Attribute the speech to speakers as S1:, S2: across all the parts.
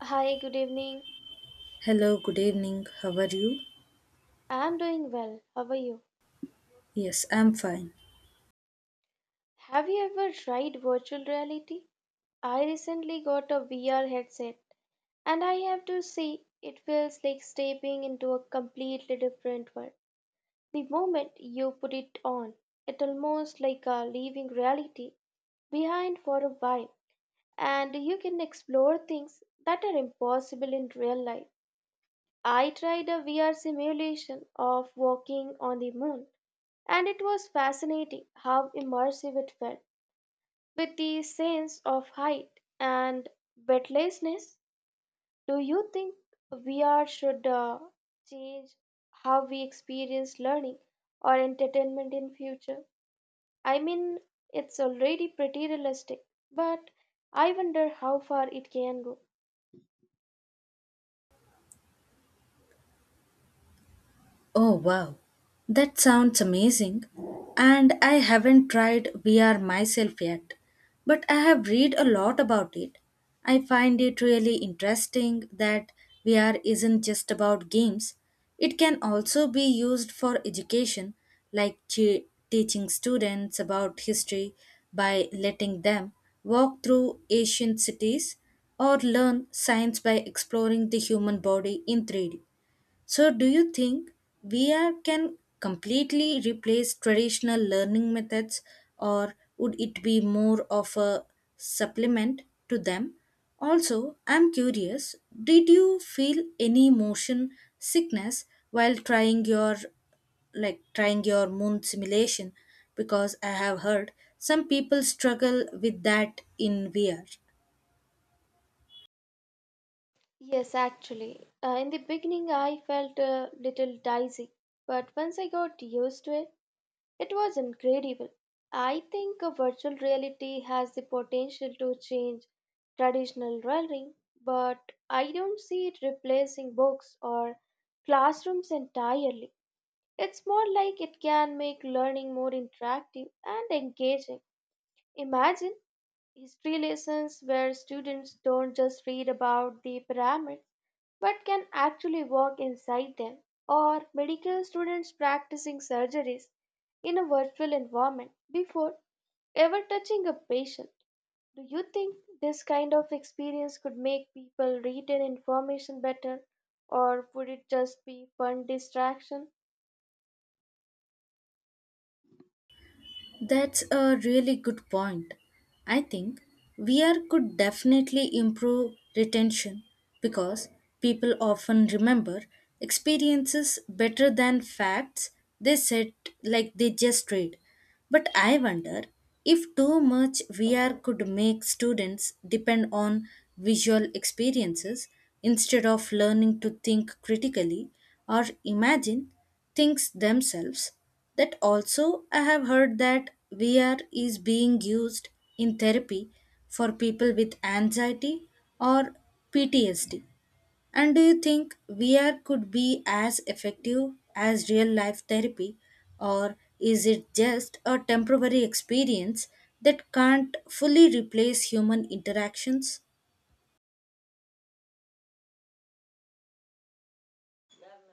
S1: Hi, good evening.
S2: Hello, good evening. How are you?
S1: I'm doing well. How are you?
S2: Yes, I'm fine.
S1: Have you ever tried virtual reality? I recently got a VR headset, and I have to say, it feels like stepping into a completely different world. The moment you put it on, it almost like a leaving reality behind for a while, and you can explore things that are impossible in real life. I tried a VR simulation of walking on the moon and it was fascinating how immersive it felt with the sense of height and weightlessness. Do you think VR should change how we experience learning or entertainment in future? I mean, it's already pretty realistic, but I wonder how far it can go.
S2: Oh wow, that sounds amazing. And I haven't tried VR myself yet, but I have read a lot about it. I find it really interesting that VR isn't just about games. It can also be used for education, like teaching students about history by letting them walk through ancient cities or learn science by exploring the human body in 3D. So, do you think VR can completely replace traditional learning methods, or would it be more of a supplement to them? Also, I'm curious, did you feel any motion sickness while trying your trying your moon simulation, because I have heard some people struggle with that in VR.
S1: Yes, actually, in the beginning I felt a little dizzy, but once I got used to it, it was incredible. I think a virtual reality has the potential to change traditional learning, but I don't see it replacing books or classrooms entirely. It's more like it can make learning more interactive and engaging. Imagine history lessons where students don't just read about the pyramids but can actually walk inside them, or medical students practicing surgeries in a virtual environment before ever touching a patient. Do you think this kind of experience could make people retain information better, or would it just be fun distraction?
S2: That's a really good point. I think VR could definitely improve retention, because people often remember experiences better than facts they said like they just read. But I wonder if too much VR could make students depend on visual experiences instead of learning to think critically or imagine things themselves. That also, I have heard that VR is being used in therapy for people with anxiety or PTSD. And do you think VR could be as effective as real life therapy, or is it just a temporary experience that can't fully replace human interactions?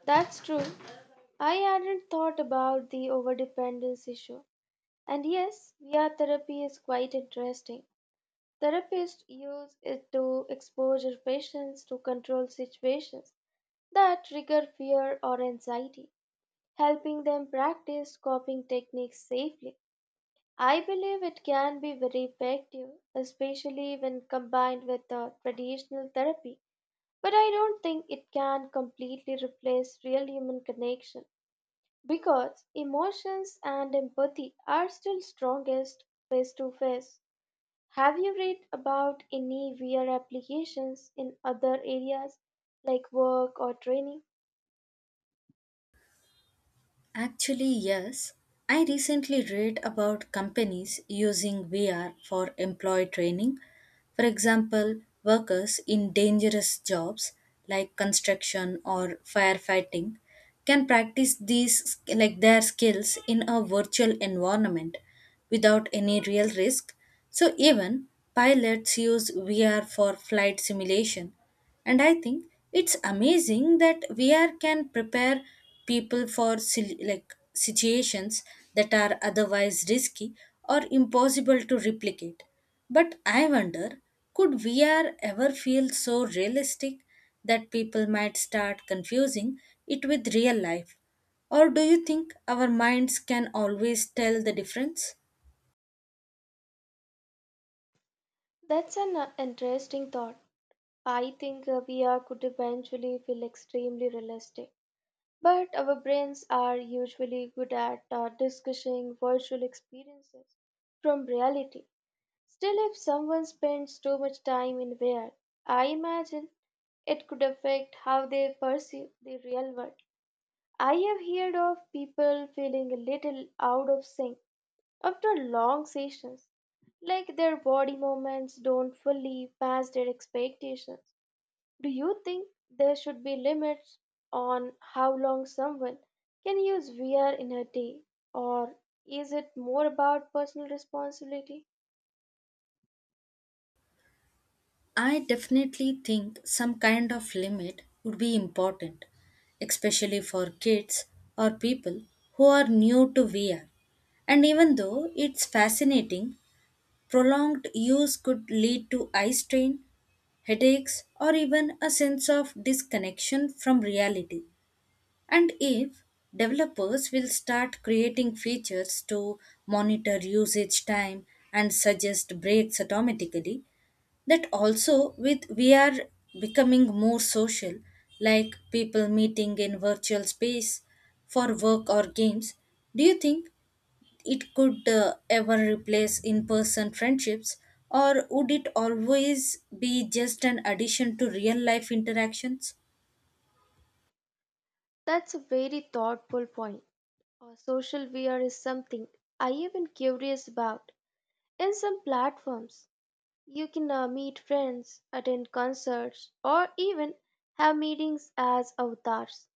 S1: That's true. I hadn't thought about the overdependence issue, and yes, VR therapy is quite interesting. Therapists use it to expose their patients to controlled situations that trigger fear or anxiety, helping them practice coping techniques safely. I believe it can be very effective, especially when combined with traditional therapy. But I don't think it can completely replace real human connection because emotions and empathy are still strongest face to face. Have you read about any VR applications in other areas like work or training?
S2: Actually, yes. I recently read about companies using VR for employee training. For example, workers in dangerous jobs like construction or firefighting can practice these like their skills in a virtual environment without any real risk. So even pilots use VR for flight simulation. And I think it's amazing that VR can prepare people for situations that are otherwise risky or impossible to replicate. But I wonder, could VR ever feel so realistic that people might start confusing it with real life? Or do you think our minds can always tell the difference?
S1: That's an interesting thought. I think VR could eventually feel extremely realistic, but our brains are usually good at discussing virtual experiences from reality. Still, if someone spends too much time in VR, I imagine it could affect how they perceive the real world. I have heard of people feeling a little out of sync after long sessions, like their body movements don't fully match their expectations. Do you think there should be limits on how long someone can use VR in a day, or is it more about personal responsibility?
S2: I definitely think some kind of limit would be important, especially for kids or people who are new to VR. And even though it's fascinating, prolonged use could lead to eye strain, headaches, or even a sense of disconnection from reality. And if developers will start creating features to monitor usage time and suggest breaks automatically, that also, with we are becoming more social, like people meeting in virtual space for work or games, do you think it could ever replace in person friendships, or would it always be just an addition to real life interactions?
S1: That's a very thoughtful point. Social VR is something I have been curious about in some platforms. You can meet friends, attend concerts, or even have meetings as avatars.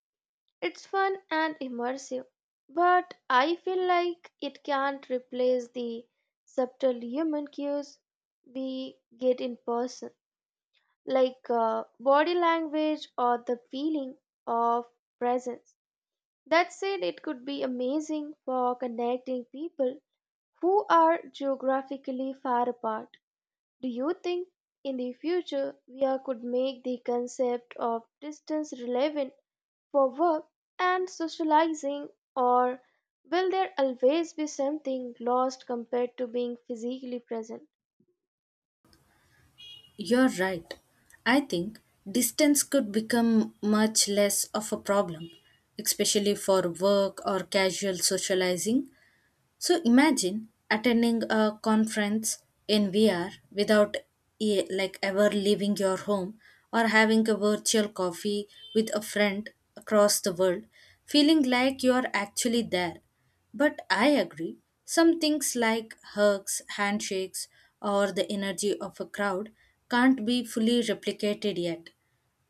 S1: It's fun and immersive, but I feel like it can't replace the subtle human cues we get in person, like body language or the feeling of presence. That said, it could be amazing for connecting people who are geographically far apart. Do you think in the future could make the concept of distance relevant for work and socializing, or will there always be something lost compared to being physically present?
S2: You're right. I think distance could become much less of a problem, especially for work or casual socializing. So imagine attending a conference in VR without ever leaving your home, or having a virtual coffee with a friend across the world, feeling like you are actually there. But I agree, some things like hugs, handshakes, or the energy of a crowd can't be fully replicated yet.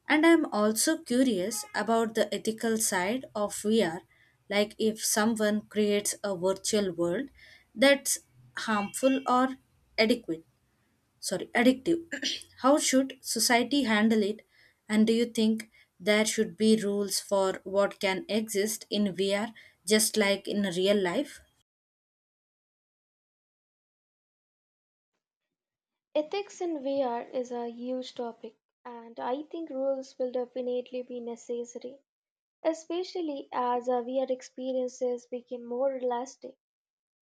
S2: And I'm also curious about the ethical side of VR, like if someone creates a virtual world that's harmful or adequate, sorry, addictive. How should society handle it? And do you think there should be rules for what can exist in VR just like in real life?
S1: Ethics in VR is a huge topic, and I think rules will definitely be necessary, especially as our VR experiences become more elastic.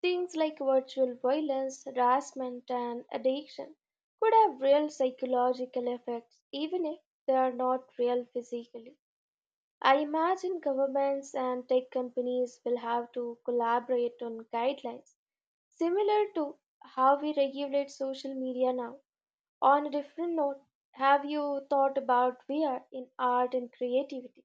S1: Things like virtual violence, harassment, and addiction could have real psychological effects, even if they are not real physically. I imagine governments and tech companies will have to collaborate on guidelines similar to how we regulate social media now. On a different note, have you thought about VR in art and creativity?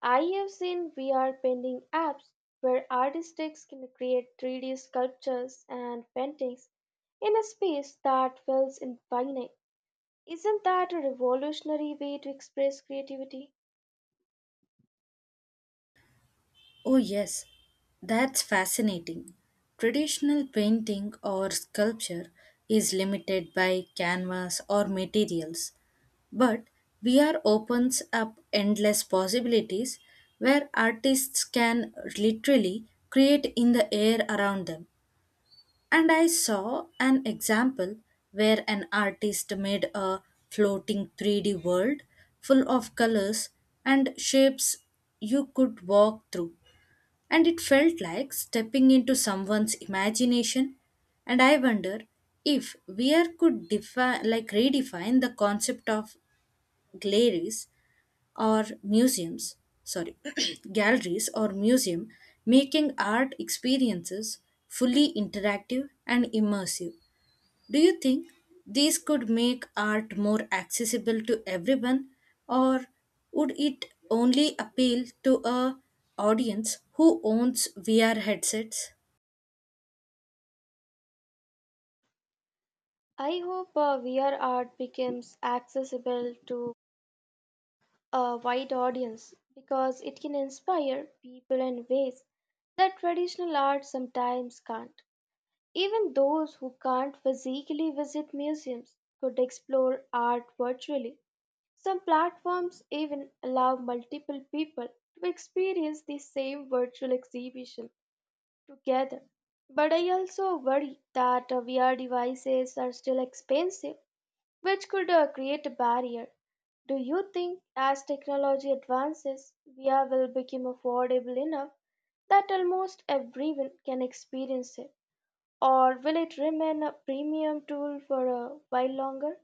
S1: I have seen VR painting apps where artists can create 3D sculptures and paintings in a space that feels infinite. Isn't that a revolutionary way to express creativity?
S2: Oh, yes, that's fascinating. Traditional painting or sculpture is limited by canvas or materials, but VR opens up endless possibilities where artists can literally create in the air around them. And I saw an example where an artist made a floating 3D world full of colors and shapes you could walk through, and it felt like stepping into someone's imagination. And I wonder if weir could redefine the concept of galleries or museums, sorry, galleries or museum, making art experiences fully interactive and immersive. Do you think these could make art more accessible to everyone, or would it only appeal to a audience who owns VR headsets?
S1: I hope VR art becomes accessible to a wide audience because it can inspire people in ways that traditional art sometimes can't. Even those who can't physically visit museums could explore art virtually. Some platforms even allow multiple people to experience the same virtual exhibition together. But I also worry that VR devices are still expensive, which could create a barrier. Do you think as technology advances, VR will become affordable enough that almost everyone can experience it? Or will it remain a premium tool for a while longer?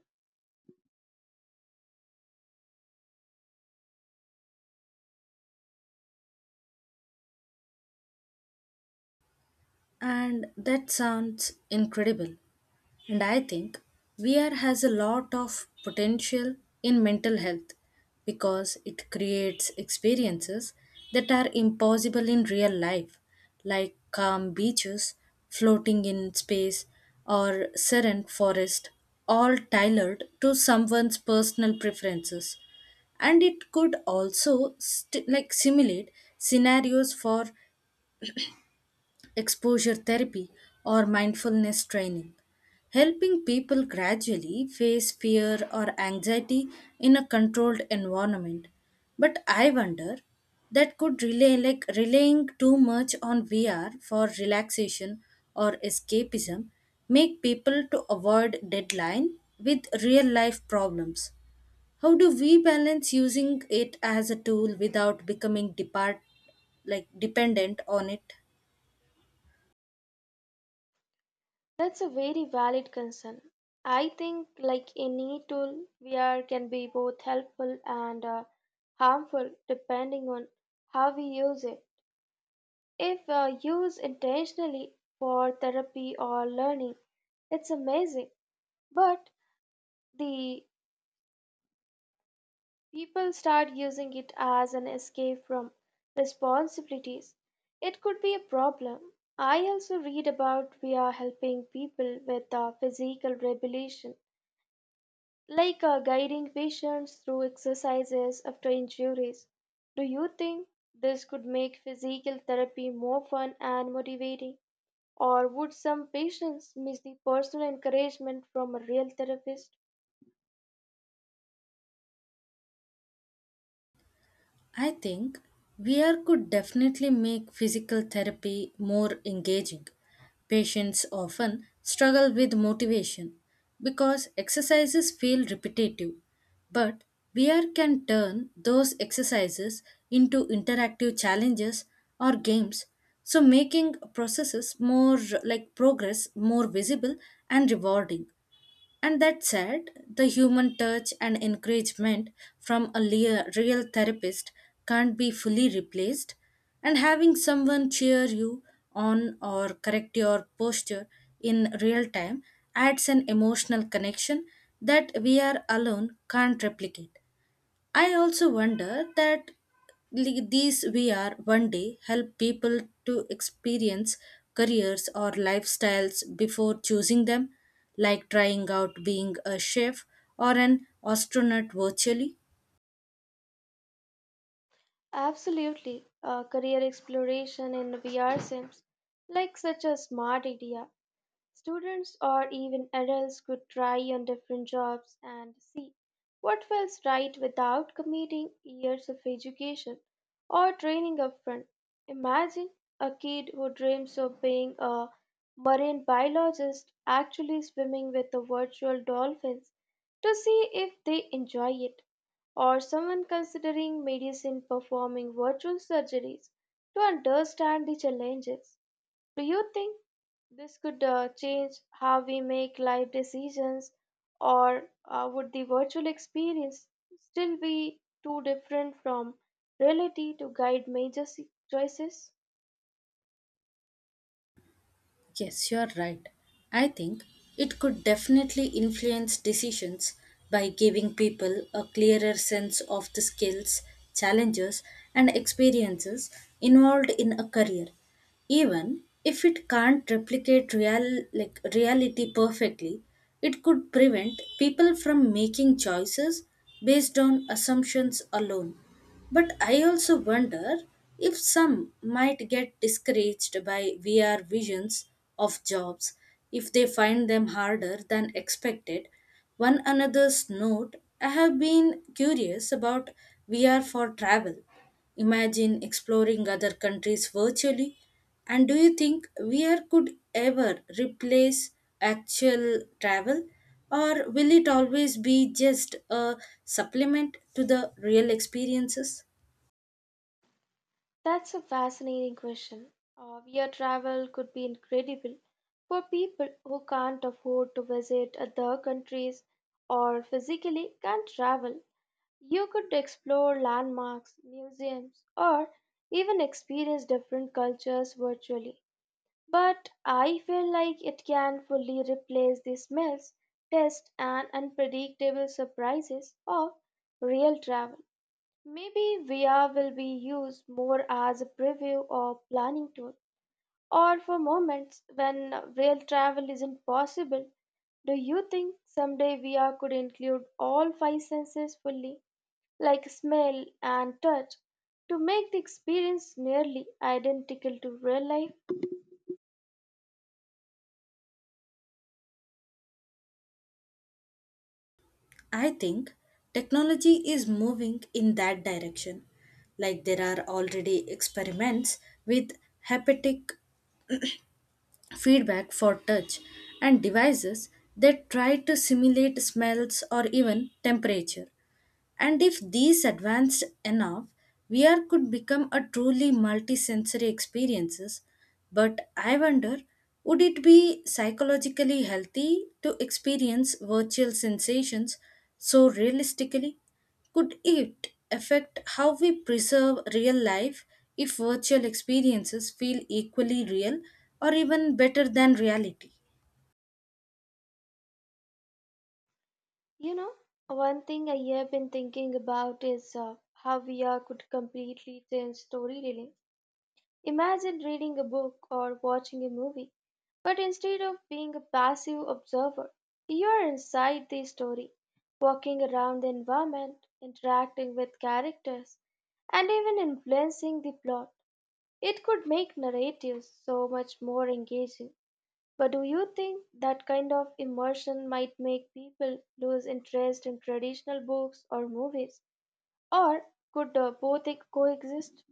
S2: And that sounds incredible. And I think VR has a lot of potential in mental health because it creates experiences that are impossible in real life, like calm beaches, floating in space, or serene forest, all tailored to someone's personal preferences. And it could also simulate scenarios for exposure therapy, or mindfulness training, helping people gradually face fear or anxiety in a controlled environment. But I wonder that could relay like relying too much on VR for relaxation or escapism make people to avoid deadline with real life problems. How do we balance using it as a tool without becoming depart like dependent on it?
S1: That's a very valid concern. I think, like any tool, VR can be both helpful and harmful depending on how we use it. If used intentionally for therapy or learning, it's amazing. But the people start using it as an escape from responsibilities. It could be a problem. I also read about VR helping people with physical rehabilitation like guiding patients through exercises after injuries. Do you think this could make physical therapy more fun and motivating? Or would some patients miss the personal encouragement from a real therapist?
S2: I think VR could definitely make physical therapy more engaging. Patients often struggle with motivation because exercises feel repetitive, but VR can turn those exercises into interactive challenges or games, so making processes more like progress more visible and rewarding. And that said, the human touch and encouragement from a real therapist can't be fully replaced. And having someone cheer you on or correct your posture in real time adds an emotional connection that we are alone can't replicate. I also wonder that li- these VR one day help people to experience careers or lifestyles before choosing them, like trying out being a chef or an astronaut virtually.
S1: Absolutely, career exploration in VR sims, like such a smart idea. Students or even adults could try on different jobs and what feels right without committing years of education or training upfront? Imagine a kid who dreams of being a marine biologist actually swimming with the virtual dolphins to see if they enjoy it, or someone considering medicine performing virtual surgeries to understand the challenges. Do you think this could change how we make life decisions, or would the virtual experience still be too different from reality to guide major choices?
S2: Yes, you're right. I think it could definitely influence decisions by giving people a clearer sense of the skills, challenges, and experiences involved in a career. Even if it can't replicate reality perfectly, it could prevent people from making choices based on assumptions alone. But I also wonder if some might get discouraged by VR visions of jobs if they find them harder than expected. One another's note, I have been curious about VR for travel. Imagine exploring other countries virtually. And do you think VR could ever replace actual travel? Or will it always be just a supplement to the real experiences?
S1: That's a fascinating question. Via travel could be incredible for people who can't afford to visit other countries or physically can't travel. You could explore landmarks, museums, or even experience different cultures virtually. But I feel like it can fully replace the smells, tastes, and unpredictable surprises of real travel. Maybe VR will be used more as a preview or planning tool, or for moments when real travel isn't possible. Do you think someday VR could include all five senses fully, like smell and touch, to make the experience nearly identical to real life?
S2: I think technology is moving in that direction. Like there are already experiments with haptic feedback for touch, and devices that try to simulate smells or even temperature. And if these advanced enough, VR could become a truly multisensory experiences. But I wonder, would it be psychologically healthy to experience virtual sensations so realistically? Could it affect how we preserve real life if virtual experiences feel equally real or even better than reality?
S1: You know, one thing I have been thinking about is how VR could completely change storytelling. Imagine reading a book or watching a movie, but instead of being a passive observer, you are inside the story, walking around the environment, interacting with characters, and even influencing the plot. It could make narratives so much more engaging. But do you think that kind of immersion might make people lose interest in traditional books or movies? Or could both coexist?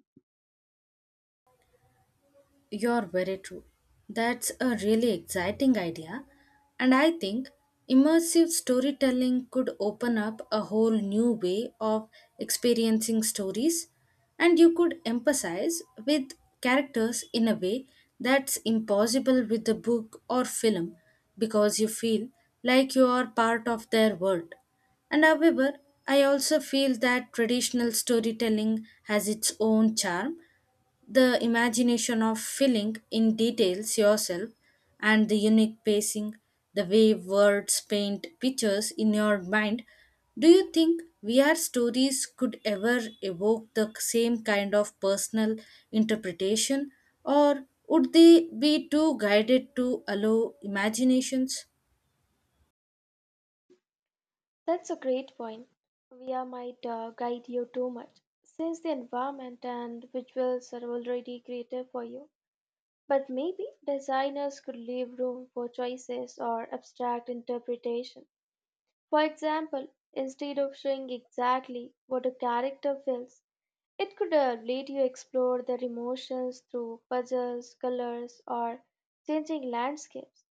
S2: You're very true. That's a really exciting idea. And I think immersive storytelling could open up a whole new way of experiencing stories. And you could emphasize with characters in a way that's impossible with the book or film because you feel like you are part of their world. And however, I also feel that traditional storytelling has its own charm, the imagination of filling in details yourself and the unique pacing, the way words paint pictures in your mind. Do you think VR stories could ever evoke the same kind of personal interpretation, or would they be too guided to allow imaginations?
S1: That's a great point. VR might guide you too much, since the environment and visuals are already creative for you. But maybe designers could leave room for choices or abstract interpretation. For example, instead of showing exactly what a character feels, it could let you explore their emotions through puzzles, colors, or changing landscapes,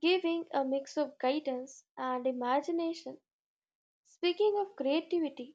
S1: giving a mix of guidance and imagination. Speaking of creativity,